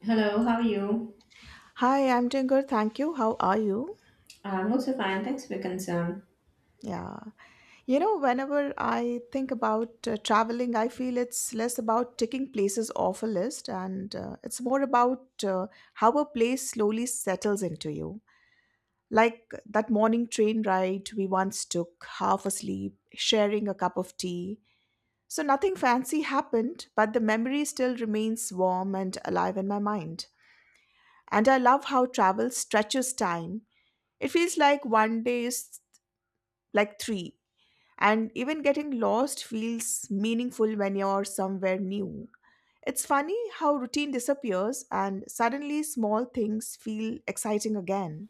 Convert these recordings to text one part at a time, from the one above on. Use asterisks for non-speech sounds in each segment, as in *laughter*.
Hello, how are you? Hi, I'm doing good, thank you. How are you? I'm also fine. Thanks for your concern. Yeah. You know, whenever I think about traveling, I feel it's less about ticking places off a list and it's more about how a place slowly settles into you. Like that morning train ride we once took, half asleep, sharing a cup of tea. So nothing fancy happened, but the memory still remains warm and alive in my mind. And I love how travel stretches time. It feels like one day is like three. And even getting lost feels meaningful when you're somewhere new. It's funny how routine disappears and suddenly small things feel exciting again.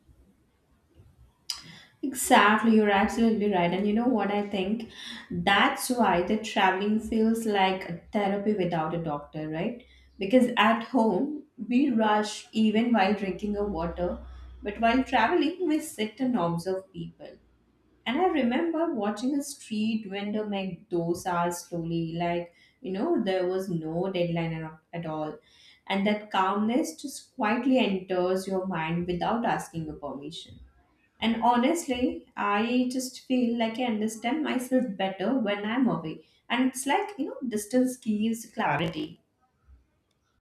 Exactly, you're absolutely right. And you know what I think? That's why the traveling feels like therapy without a doctor, right? Because at home, we rush even while drinking a water, but while traveling, we sit and observe people. And I remember watching a street vendor make dosas slowly, like, you know, there was no deadline at all. And that calmness just quietly enters your mind without asking your permission. And honestly, I just feel like I understand myself better when I'm away. And it's like, you know, distance gives clarity.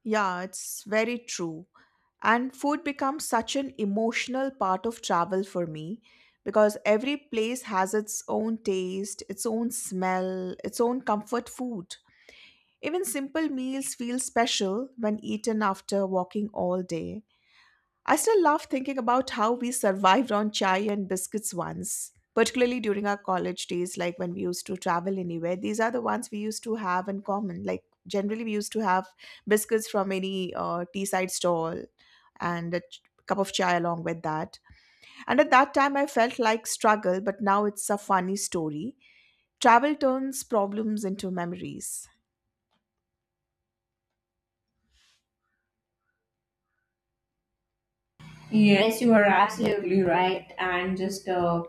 Yeah, it's very true. And food becomes such an emotional part of travel for me because every place has its own taste, its own smell, its own comfort food. Even simple meals feel special when eaten after walking all day. I still love thinking about how we survived on chai and biscuits once, particularly during our college days, like when we used to travel anywhere. These are the ones we used to have in common. Like, generally, we used to have biscuits from any tea side stall and cup of chai along with that. And at that time, I felt like struggle, but now it's a funny story. Travel turns problems into memories. Yes, you are absolutely right. And just,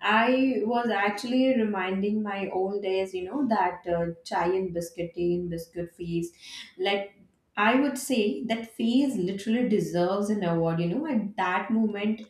I was actually reminding my old days, you know, that chai and biscuit tea and biscuit feast. Like, I would say that phase literally deserves an award, you know. At that moment,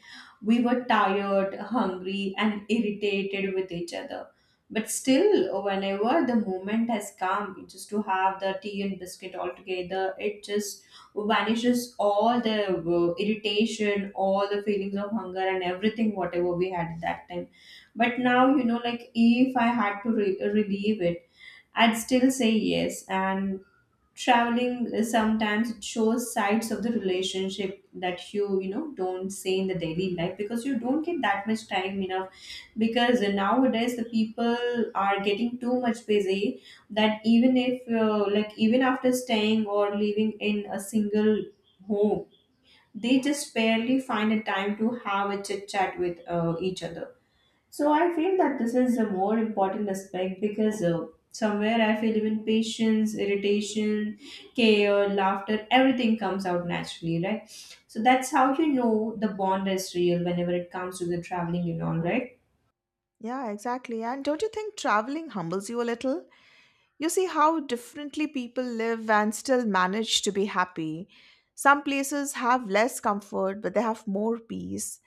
we were tired, hungry, and irritated with each other. But still, whenever the moment has come just to have the tea and biscuit all together, it just vanishes all the irritation, all the feelings of hunger and everything whatever we had at that time. But now, you know, like if I had to relieve it, I'd still say yes. And traveling, sometimes it shows sides of the relationship that you know, don't say in the daily life, because you don't get that much time in a, because nowadays the people are getting too much busy, that even if, like even after staying or living in a single home, they just barely find a time to have a chit chat with each other. So I feel that this is a more important aspect, because somewhere I feel even patience, irritation, care, laughter, everything comes out naturally, right? So that's how, you know, the bond is real whenever it comes to the traveling and all, right? Yeah, exactly. And don't you think traveling humbles you a little? You see how differently people live and still manage to be happy. Some places have less comfort, but they have more peace.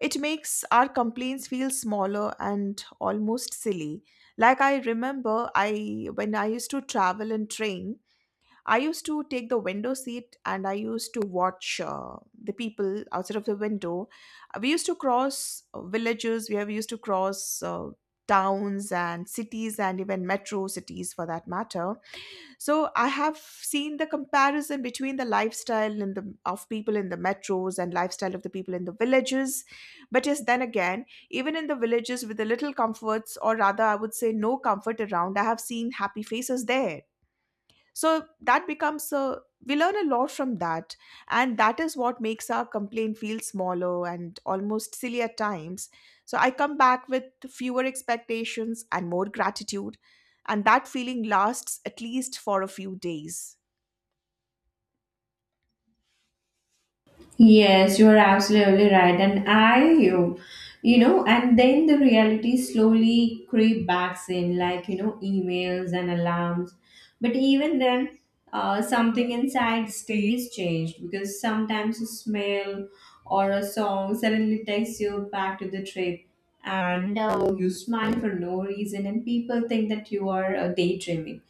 It makes our complaints feel smaller and almost silly. Like I remember I when I used to travel in train, I used to take the window seat and I used to watch the people outside of the window. We used to cross villages, we have used to cross towns and cities and even metro cities for that matter, so I have seen the comparison between the lifestyle in the of people in the metros and lifestyle of the people in the villages. But yes, then again, even in the villages with the little comforts, or rather I would say no comfort around, I have seen happy faces there, so that becomes a, we learn a lot from that, and that is what makes our complaint feel smaller and almost silly at times, so I come back with fewer expectations and more gratitude, and that feeling lasts at least for a few days. Yes, you are absolutely right. And you know, and then the reality slowly creep backs in, like, you know, emails and alarms. But even then, something inside stays changed, because sometimes a smell or a song suddenly takes you back to the trip, and you smile for no reason, and people think that you are daydreaming.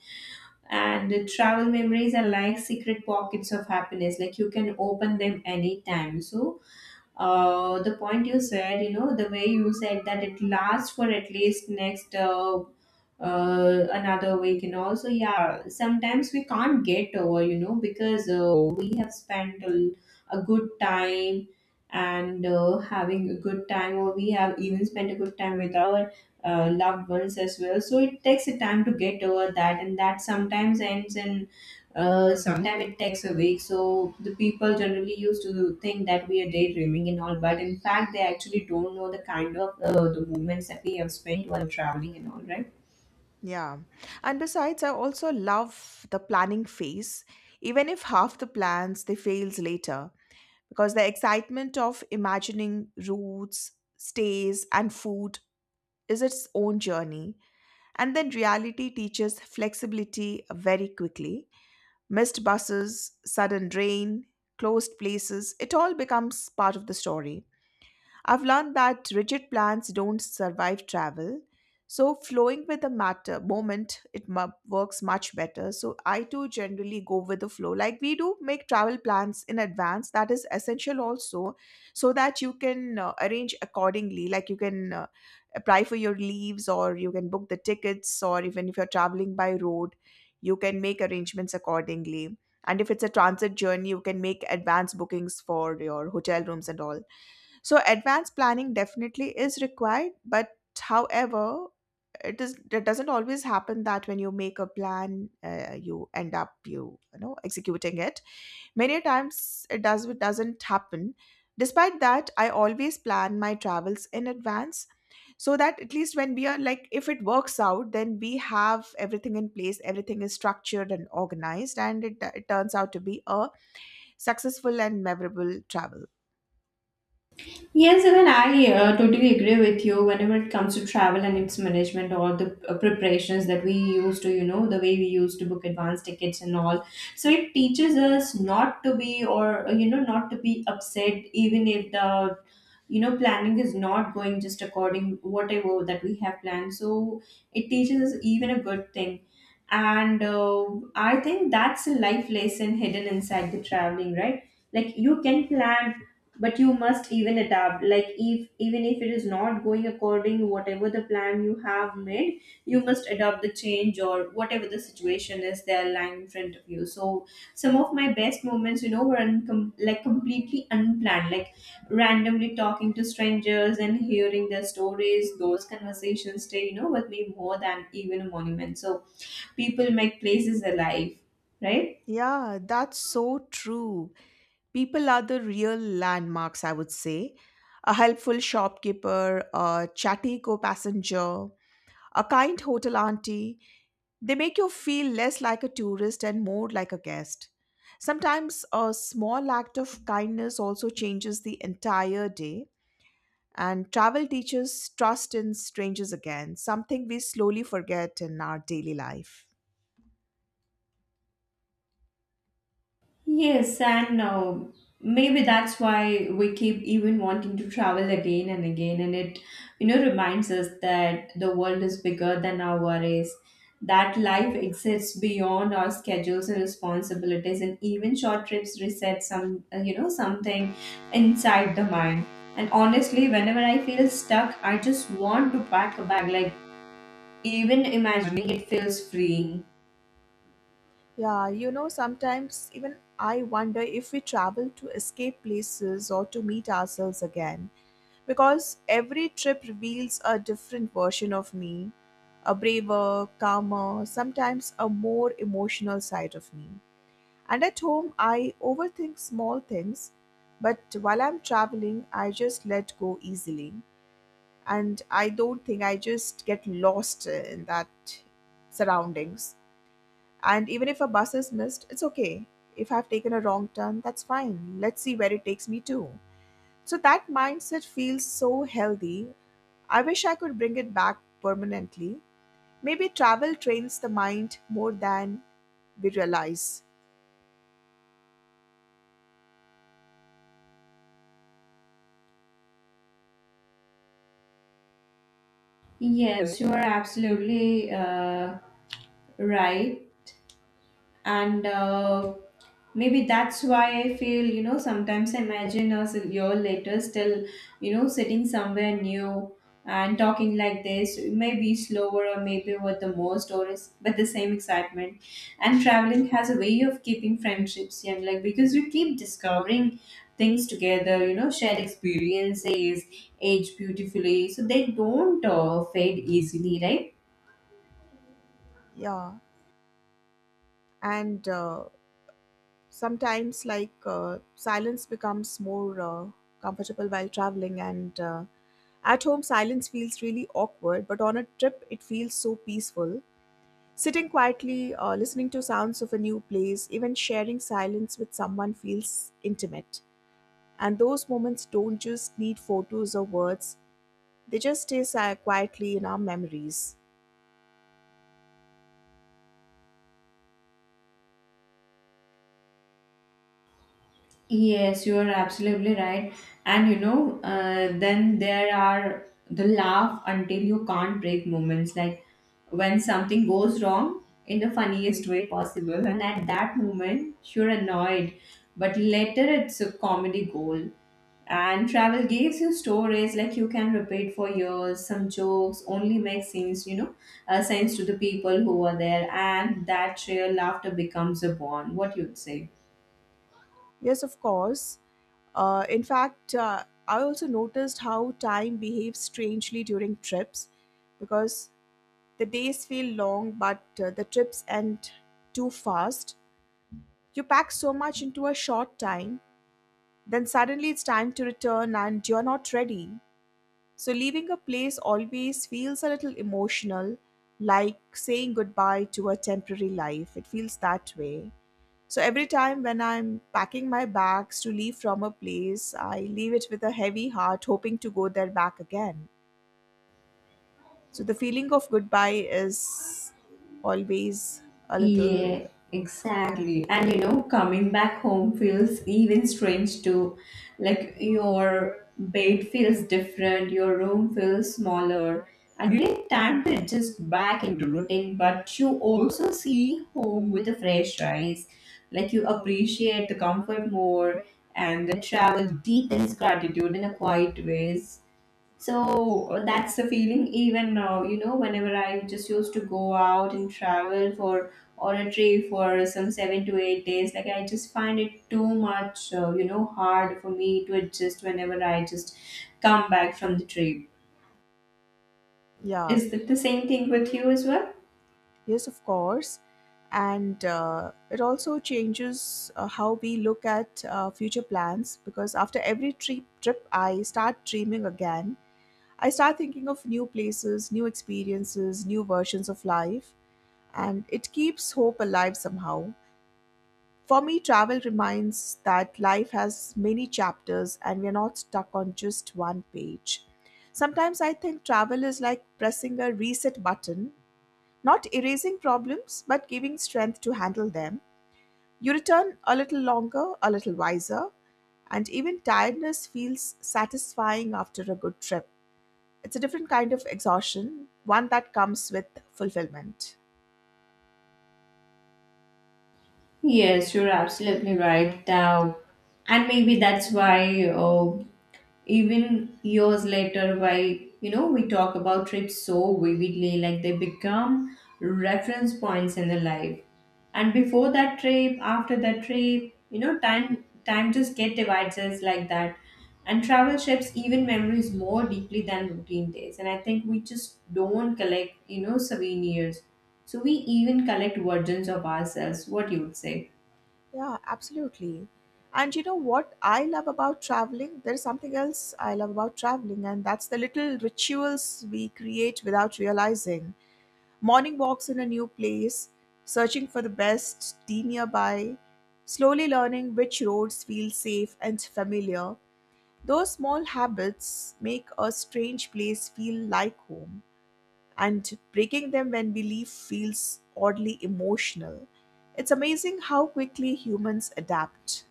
And the travel memories are like secret pockets of happiness, like you can open them anytime. So the point you said, you know, the way you said that it lasts for at least next another week. And also, yeah, sometimes we can't get over, you know, because we have spent a good time. And having a good time, or we have even spent a good time with our loved ones as well, so it takes a time to get over that. And that sometimes ends in, sometimes it takes a week. So the people generally used to think that we are daydreaming and all, but in fact they actually don't know the kind of the moments that we have spent while traveling and all, right? Yeah. And besides, I also love the planning phase, even if half the plans they fails later, because the excitement of imagining routes, stays, and food is its own journey. And then reality teaches flexibility very quickly. Missed buses, sudden rain, closed places, it all becomes part of the story. I've learned that rigid plans don't survive travel. So flowing with the matter moment, works much better. So I too generally go with the flow. Like we do make travel plans in advance. That is essential also, so that you can arrange accordingly. Like you can apply for your leaves, or you can book the tickets, or even if you're traveling by road, you can make arrangements accordingly. And if it's a transit journey, you can make advance bookings for your hotel rooms and all. So advanced planning definitely is required, but however, it doesn't always happen that when you make a plan, you end up you know executing it. Many times it doesn't happen. Despite that, I always plan my travels in advance so that at least when we are like if it works out, then we have everything in place, everything is structured and organized, and it turns out to be a successful and memorable travel. Yes, even I totally agree with you whenever it comes to travel and its management, or the preparations that we used to, you know, the way we used to book advance tickets and all. So it teaches us not to be, or, you know, not to be upset even if the, you know, planning is not going just according whatever that we have planned. So it teaches us even a good thing. And I think that's a life lesson hidden inside the traveling, right? Like you can plan, but you must even adapt. Like if, even if it is not going according to whatever the plan you have made, you must adopt the change or whatever the situation is there lying in front of you. So some of my best moments, you know, were like completely unplanned, like randomly talking to strangers and hearing their stories. Those conversations stay, you know, with me more than even a monument. So people make places alive, right? Yeah, that's so true. People are the real landmarks, I would say. A helpful shopkeeper, a chatty co passenger, a kind hotel auntie, they make you feel less like a tourist and more like a guest. Sometimes a small act of kindness also changes the entire day, and travel teaches trust in strangers again, something we slowly forget in our daily life. Yes, and maybe that's why we keep even wanting to travel again and again. And it, you know, reminds us that the world is bigger than our worries, that life exists beyond our schedules and responsibilities, and even short trips reset some, you know, something inside the mind. And honestly, whenever I feel stuck, I just want to pack a bag. Like even imagining it feels freeing. Yeah, you know, sometimes even I wonder if we travel to escape places or to meet ourselves again. Because every trip reveals a different version of me, a braver, calmer, sometimes a more emotional side of me. And at home, I overthink small things, but while I'm traveling, I just let go easily. And I don't think, I just get lost in that surroundings. And even if a bus is missed, it's okay. If I've taken a wrong turn, that's fine. Let's see where it takes me to. So that mindset feels so healthy. I wish I could bring it back permanently. Maybe travel trains the mind more than we realize. Yes, you are absolutely right. And maybe that's why I feel, you know, sometimes I imagine us a year later, still, you know, sitting somewhere new and talking like this, maybe slower or maybe with the more stories, but the same excitement. And traveling has a way of keeping friendships young, like because you keep discovering things together, you know, shared experiences age beautifully, so they don't fade easily, right? Yeah. And sometimes, silence becomes more comfortable while traveling. And at home, silence feels really awkward, but on a trip, it feels so peaceful. Sitting quietly, listening to sounds of a new place, even sharing silence with someone feels intimate. And those moments don't just need photos or words, they just quietly in our memories. Yes, you are absolutely right. And you know, then there are the laugh until you can't breathe moments, like when something goes wrong in the funniest way possible. And at that moment, you're annoyed, but later it's a comedy gold. And travel gives you stories like you can repeat for years. Some jokes only make sense, you know, sense to the people who are there, and that shared laughter becomes a bond. What you'd say? Yes, of course. In fact, I also noticed how time behaves strangely during trips because the days feel long, but the trips end too fast. You pack so much into a short time. Then suddenly it's time to return and you're not ready. So leaving a place always feels a little emotional, like saying goodbye to a temporary life. It feels that way. So every time when I'm packing my bags to leave from a place, I leave it with a heavy heart, hoping to go there back again. So the feeling of goodbye is always a little, Yeah, exactly. And you know, coming back home feels even strange too. Like your bed feels different, your room feels smaller, and you take time to adjust back into routine, but you also see home with a fresh eyes. Like you appreciate the comfort more, and the travel deepens gratitude in a quiet ways. So that's the feeling even, you know, whenever I just used to go out and travel for, on a trip for some 7 to 8 days, like I just find it too much you know, hard for me to adjust whenever I just come back from the trip. yeah. Is that the same thing with you as well? Yes, of course. And it also changes how we look at future plans because after every trip, I start dreaming again. I start thinking of new places, new experiences, new versions of life, and it keeps hope alive somehow. For me, travel reminds that life has many chapters and we are not stuck on just one page. Sometimes I think travel is like pressing a reset button, not erasing problems, but giving strength to handle them. You return a little longer, a little wiser, and even tiredness feels satisfying after a good trip. It's a different kind of exhaustion, one that comes with fulfillment. Yes, you're absolutely right. Now, and maybe that's why even years later, while, you know, we talk about trips so vividly, like they become reference points in the life. And before that trip, after that trip, you know, time just get divides us like that. And travel shapes even memories more deeply than routine days. And I think we just don't collect, you know, souvenirs, so we even collect versions of ourselves. What you would say? Yeah, absolutely. And you know what I love about traveling? There's something else I love about traveling, and that's the little rituals we create without realizing. Morning walks in a new place, searching for the best tea nearby, slowly learning which roads feel safe and familiar. Those small habits make a strange place feel like home, and breaking them when we leave feels oddly emotional. It's amazing how quickly humans adapt.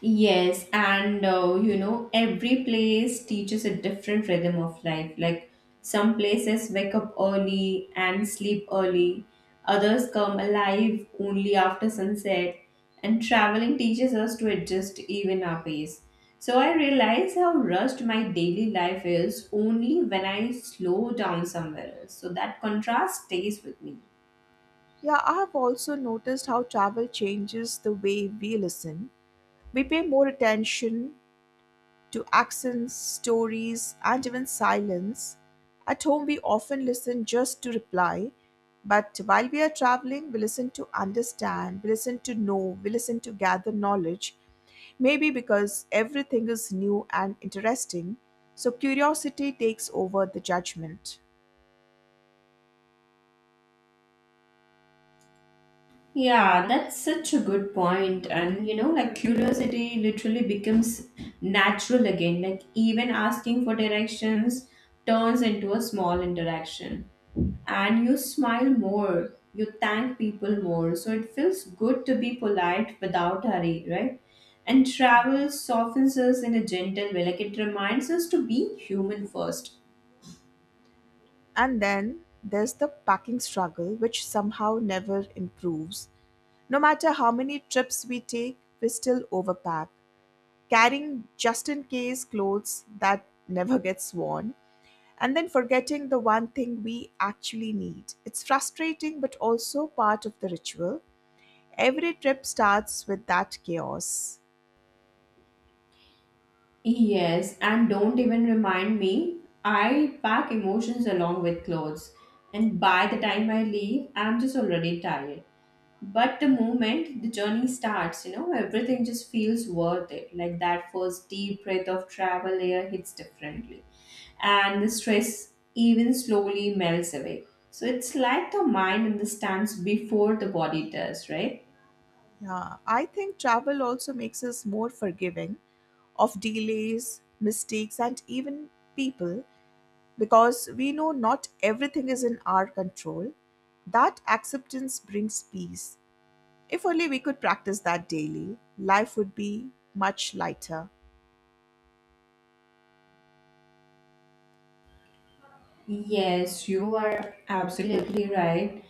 Yes, and you know, every place teaches a different rhythm of life. Like some places wake up early and sleep early, others come alive only after sunset, and traveling teaches us to adjust even our pace. So I realize how rushed my daily life is only when I slow down somewhere else. So that contrast stays with me. Yeah, I have also noticed how travel changes the way we listen. We pay more attention to accents, stories, and even silence. At home, we often listen just to reply, but while we are traveling, we listen to understand, we listen to know, we listen to gather knowledge. Maybe because everything is new and interesting, so curiosity takes over the judgment. Yeah, that's such a good point. And you know, like curiosity literally becomes natural again. Like even asking for directions turns into a small interaction. And you smile more, you thank people more. So it feels good to be polite without hurry, right? And travel softens us in a gentle way. Like it reminds us to be human first. And then there's the packing struggle, which somehow never improves. No matter how many trips we take, we still overpack, carrying just in case clothes that never gets worn, and then forgetting the one thing we actually need. It's frustrating but also part of the ritual. Every trip starts with that chaos. Yes, and don't even remind me. I pack emotions along with clothes, and by the time I leave, I'm just already tired. But the moment the journey starts, you know, everything just feels worth it. Like that first deep breath of travel air hits differently, and the stress even slowly melts away. So it's like the mind understands before the body does, right? Yeah, I think travel also makes us more forgiving of delays, mistakes, and even people, because we know not everything is in our control. That acceptance brings peace. If only we could practice that daily, life would be much lighter. Yes, you are absolutely right.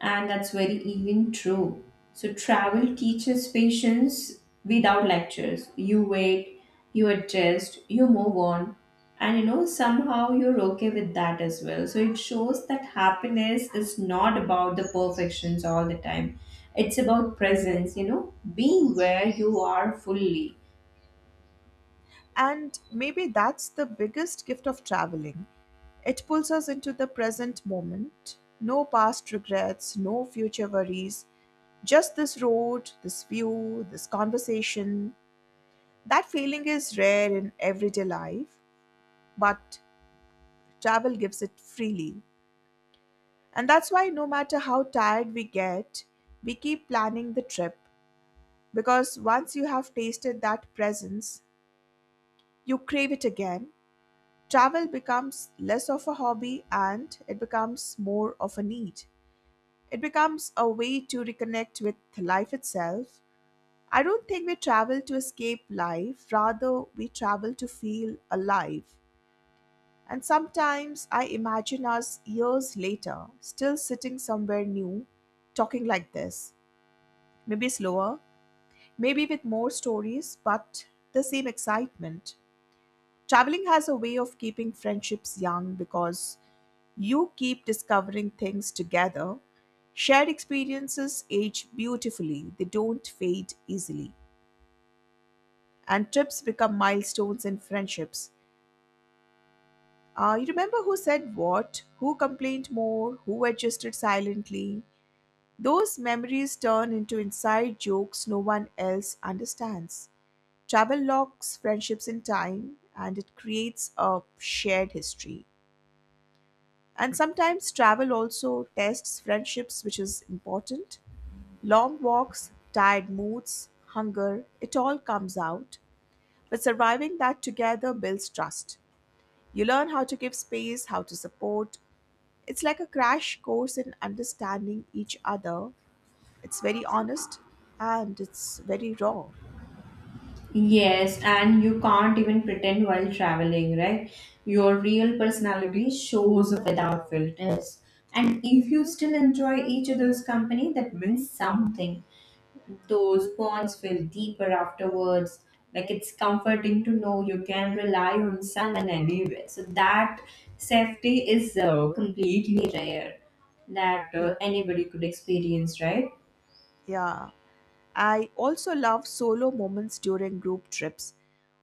And that's very even true. So travel teaches patience without lectures. You wait, you adjust, you move on, and you know somehow you're okay with that as well. So it shows that happiness is not about the perfections all the time. It's about presence, you know, being where you are fully. And maybe that's the biggest gift of traveling. It pulls us into the present moment. No past regrets, no future worries, just this road, this view, this conversation. That feeling is rare in everyday life, but travel gives it freely. And that's why, no matter how tired we get, we keep planning the trip. Because once you have tasted that presence, you crave it again. Travel becomes less of a hobby and it becomes more of a need. It becomes a way to reconnect with life itself. I don't think we travel to escape life, rather, we travel to feel alive. And sometimes I imagine us years later, still sitting somewhere new, talking like this. Maybe slower, maybe with more stories, but the same excitement. Traveling has a way of keeping friendships young because you keep discovering things together. Shared experiences age beautifully, they don't fade easily. And trips become milestones in friendships. You remember who said what, who complained more, who adjusted silently. Those memories turn into inside jokes no one else understands. Travel locks friendships in time and it creates a shared history. And sometimes travel also tests friendships, which is important. Long walks, tired moods, hunger, it all comes out. But surviving that together builds trust. You learn how to give space, how to support. It's like a crash course in understanding each other. It's very honest and it's very raw. Yes, and you can't even pretend while traveling, right? Your real personality shows without filters. And if you still enjoy each other's company, that means something. Those bonds feel deeper afterwards. Like it's comforting to know you can rely on someone anywhere. So that safety is completely rare, that Y- anybody could experience, right? Yeah. I also love solo moments during group trips.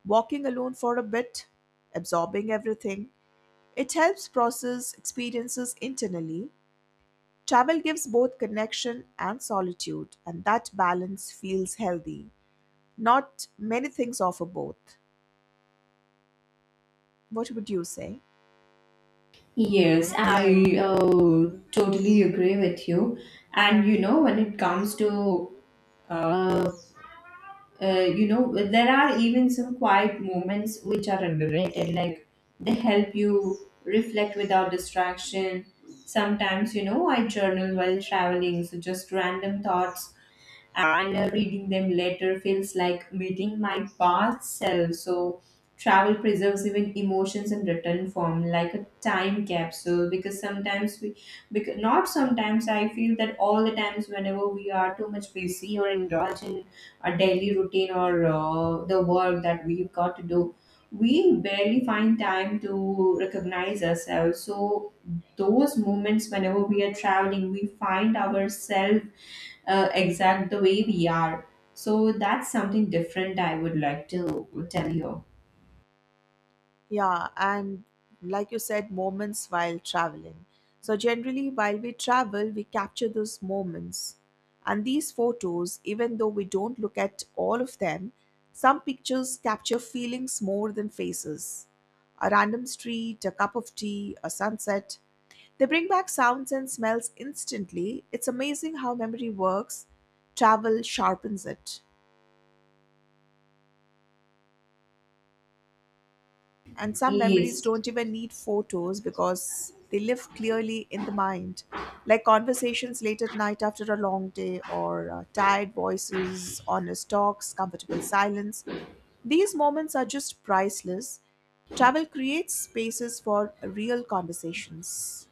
Walking alone for a bit, absorbing everything, it helps process experiences internally. Travel gives both connection and solitude, and that balance feels healthy. Not many things offer both. What would you say? Yes, I totally agree with you. And you know, when it comes to, uh, you know, there are even some quiet moments which are underrated. Like they help you reflect without distraction. Sometimes, you know, I journal while traveling, so just random thoughts, and reading them later feels like meeting my past self. So, travel preserves even emotions in written form, like a time capsule. Because sometimes we, because not sometimes, I feel that all the times whenever we are too much busy or indulge in a daily routine, or the work that we've got to do. We barely find time to recognize ourselves. So, those moments whenever we are traveling we find ourselves exact the way we are. So that's something different I would like to tell you. Yeah, and like you said, moments while traveling. So, generally, while we travel, we capture those moments. And these photos, even though we don't look at all of them, some pictures capture feelings more than faces. A random street, a cup of tea, a sunset. They bring back sounds and smells instantly. It's amazing how memory works. Travel sharpens it. And some memories Yes. don't even need photos because they live clearly in the mind, like conversations late at night after a long day, or tired voices, honest talks, comfortable silence. These moments are just priceless. Travel creates spaces for real conversations.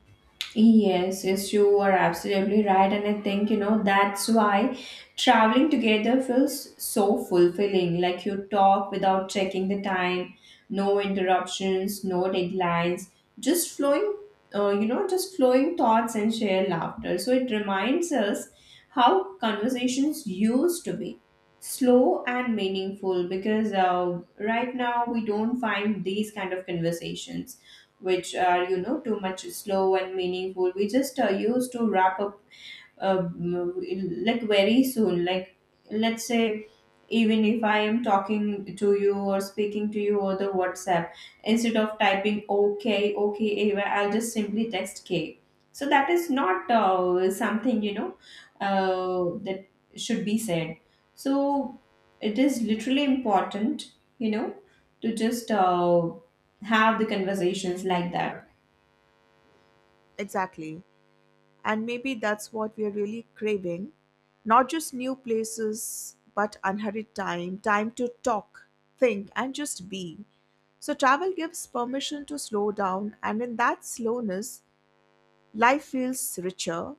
Yes, yes, you are absolutely right. And I think, that's why traveling together feels so fulfilling. Like you talk without checking the time, no interruptions, no deadlines, just flowing, just flowing thoughts and share laughter. So it reminds us how conversations used to be slow and meaningful because right now we don't find these kind of conversations which are too much slow and meaningful. We just used to wrap up um, like very soon, like let's say, even if I am talking to you or speaking to you over the WhatsApp, instead of typing okay okay Ava, I'll just simply text k. So that is not something you know that should be said. So it is literally important, you know to just have the conversations like that. Exactly. And maybe that's what we're really craving. Not just new places, but unhurried time, time to talk, think, and just be. So travel gives permission to slow down, and in that slowness, life feels richer.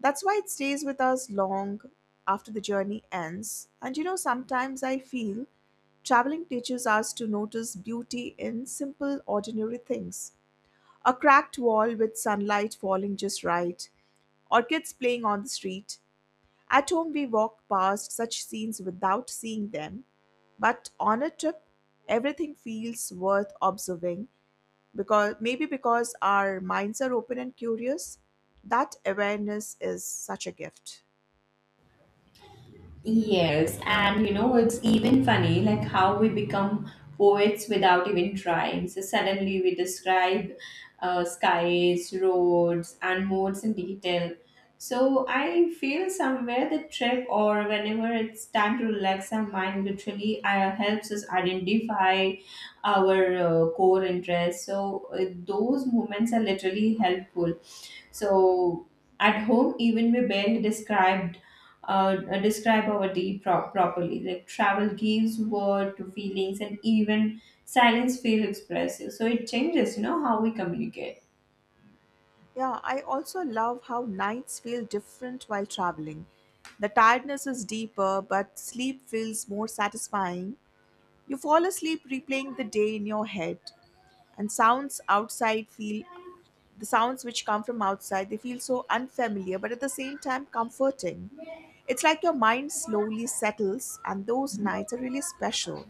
That's why it stays with us long after the journey ends. And you know, sometimes I feel traveling teaches us to notice beauty in simple, ordinary things. A cracked wall with sunlight falling just right, or kids playing on the street. At home, we walk past such scenes without seeing them, but on a trip, everything feels worth observing because maybe because our minds are open and curious. That awareness is such a gift. Yes, and you know, it's even funny like how we become poets without even trying. So suddenly we describe skies, roads, and modes in detail. So I feel somewhere the trip, or whenever it's time to relax our mind, literally helps us identify our core interests. So those moments are literally helpful. So at home, even we barely described describe our properly. Like travel gives word to feelings, and even silence feels expressive. So it changes, you know, how we communicate. Yeah, I also love how nights feel different while traveling. The tiredness is deeper, but sleep feels more satisfying. You fall asleep replaying the day in your head, and sounds outside feel the sounds which come from outside, they feel so unfamiliar but at the same time comforting. It's like your mind slowly settles, and those nights are really special.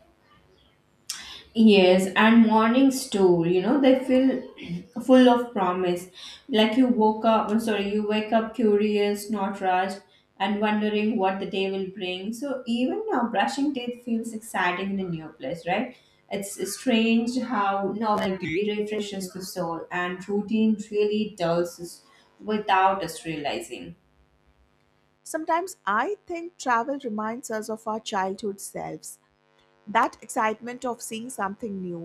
Yes, and mornings too, you know, they feel *clears throat* full of promise. Like you woke up, I'm sorry, you wake up curious, not rushed, and wondering what the day will bring. So even now, brushing teeth feels exciting in a new place, right? It's strange how novelty refreshes the soul and routine really dulls us without us realizing. Sometimes I think travel reminds us of our childhood selves, that excitement of seeing something new,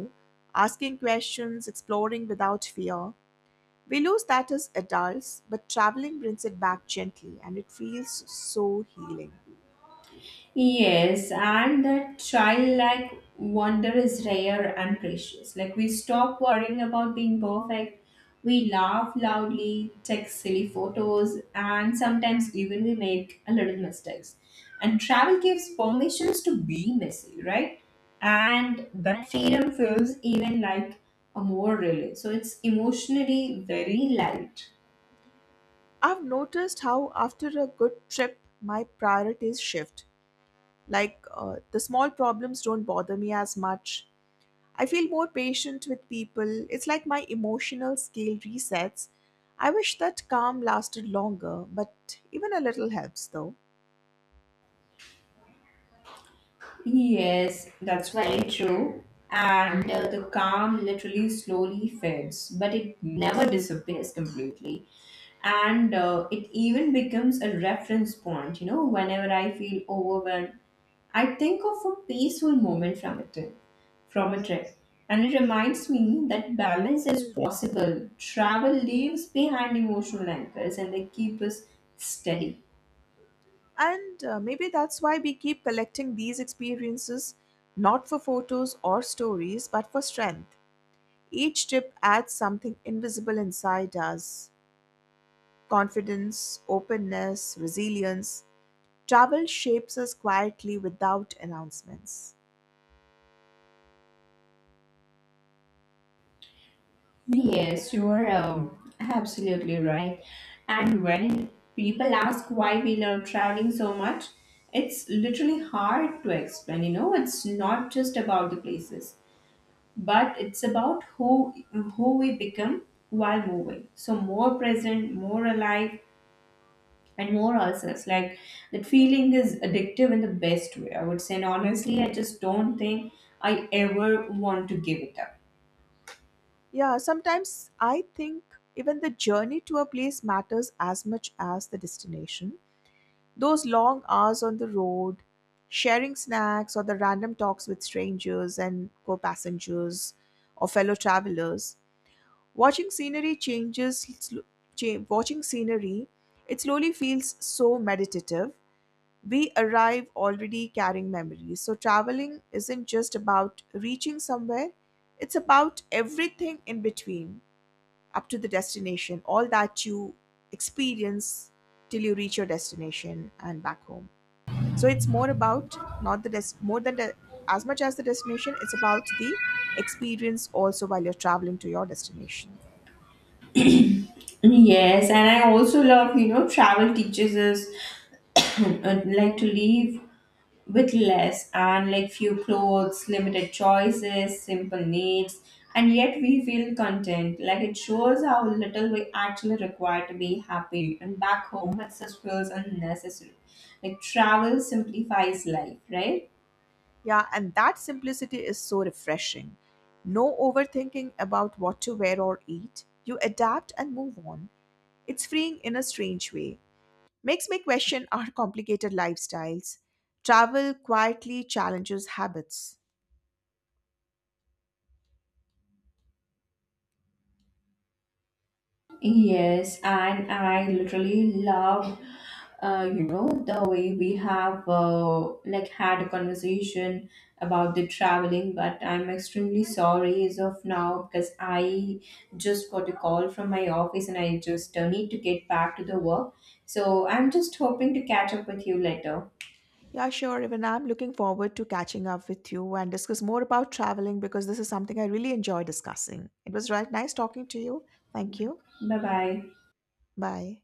asking questions, exploring without fear. We lose that as adults, but traveling brings it back gently, and it feels so healing. Yes, and that childlike wonder is rare and precious. Like we stop worrying about being perfect. We laugh loudly, take silly photos, and sometimes even we make a little mistakes. And travel gives permissions to be messy, right? And that freedom feels even like a more relief. So it's emotionally very light. I've noticed how after a good trip, my priorities shift. Like, the small problems don't bother me as much. I feel more patient with people. It's like my emotional scale resets. I wish that calm lasted longer, but even a little helps though. Yes, that's very true. And the calm literally slowly fades, but it never disappears completely. And it even becomes a reference point, you know, whenever I feel overwhelmed. I think of a peaceful moment from a trip, from a trip, and it reminds me that balance is possible. Travel leaves behind emotional anchors, and they keep us steady. And maybe that's why we keep collecting these experiences, not for photos or stories, but for strength. Each trip adds something invisible inside us, confidence, openness, resilience. Travel shapes us quietly without announcements. Yes, you are absolutely right. And when people ask why we love traveling so much, it's literally hard to explain. You know, it's not just about the places, but it's about who we become while moving. So more present, more alive, and more ourselves. Like that feeling is addictive in the best way, I would say. And honestly, I just don't think I ever want to give it up. Yeah, sometimes I think even the journey to a place matters as much as the destination. Those long hours on the road, sharing snacks, or the random talks with strangers and co passengers or fellow travelers, watching scenery changes, watching scenery, it slowly feels so meditative. We arrive already carrying memories. So, traveling isn't just about reaching somewhere, it's about everything in between, up to the destination, all that you experience till you reach your destination and back home. So it's more about not the des- more than the as much as the destination, it's about the experience also while you're traveling to your destination. Yes, and I also love, you know, travel teaches us *coughs* *clears throat* like to live with less, and like few clothes, limited choices, simple needs, and yet we feel content. Like it shows how little we actually require to be happy. And back home, it just feels unnecessary. Like travel simplifies life, right? Yeah, and that simplicity is so refreshing. No overthinking about what to wear or eat. You adapt and move on. It's freeing in a strange way. Makes me question our complicated lifestyles. Travel quietly challenges habits. Yes, and I literally love, the way we have like had a conversation about the traveling. But I'm extremely sorry as of now because I just got a call from my office and I just need to get back to the work. So I'm just hoping to catch up with you later. Yeah, sure. Even I'm looking forward to catching up with you and discuss more about traveling because this is something I really enjoy discussing. It was right nice talking to you. Thank you. Bye bye. Bye.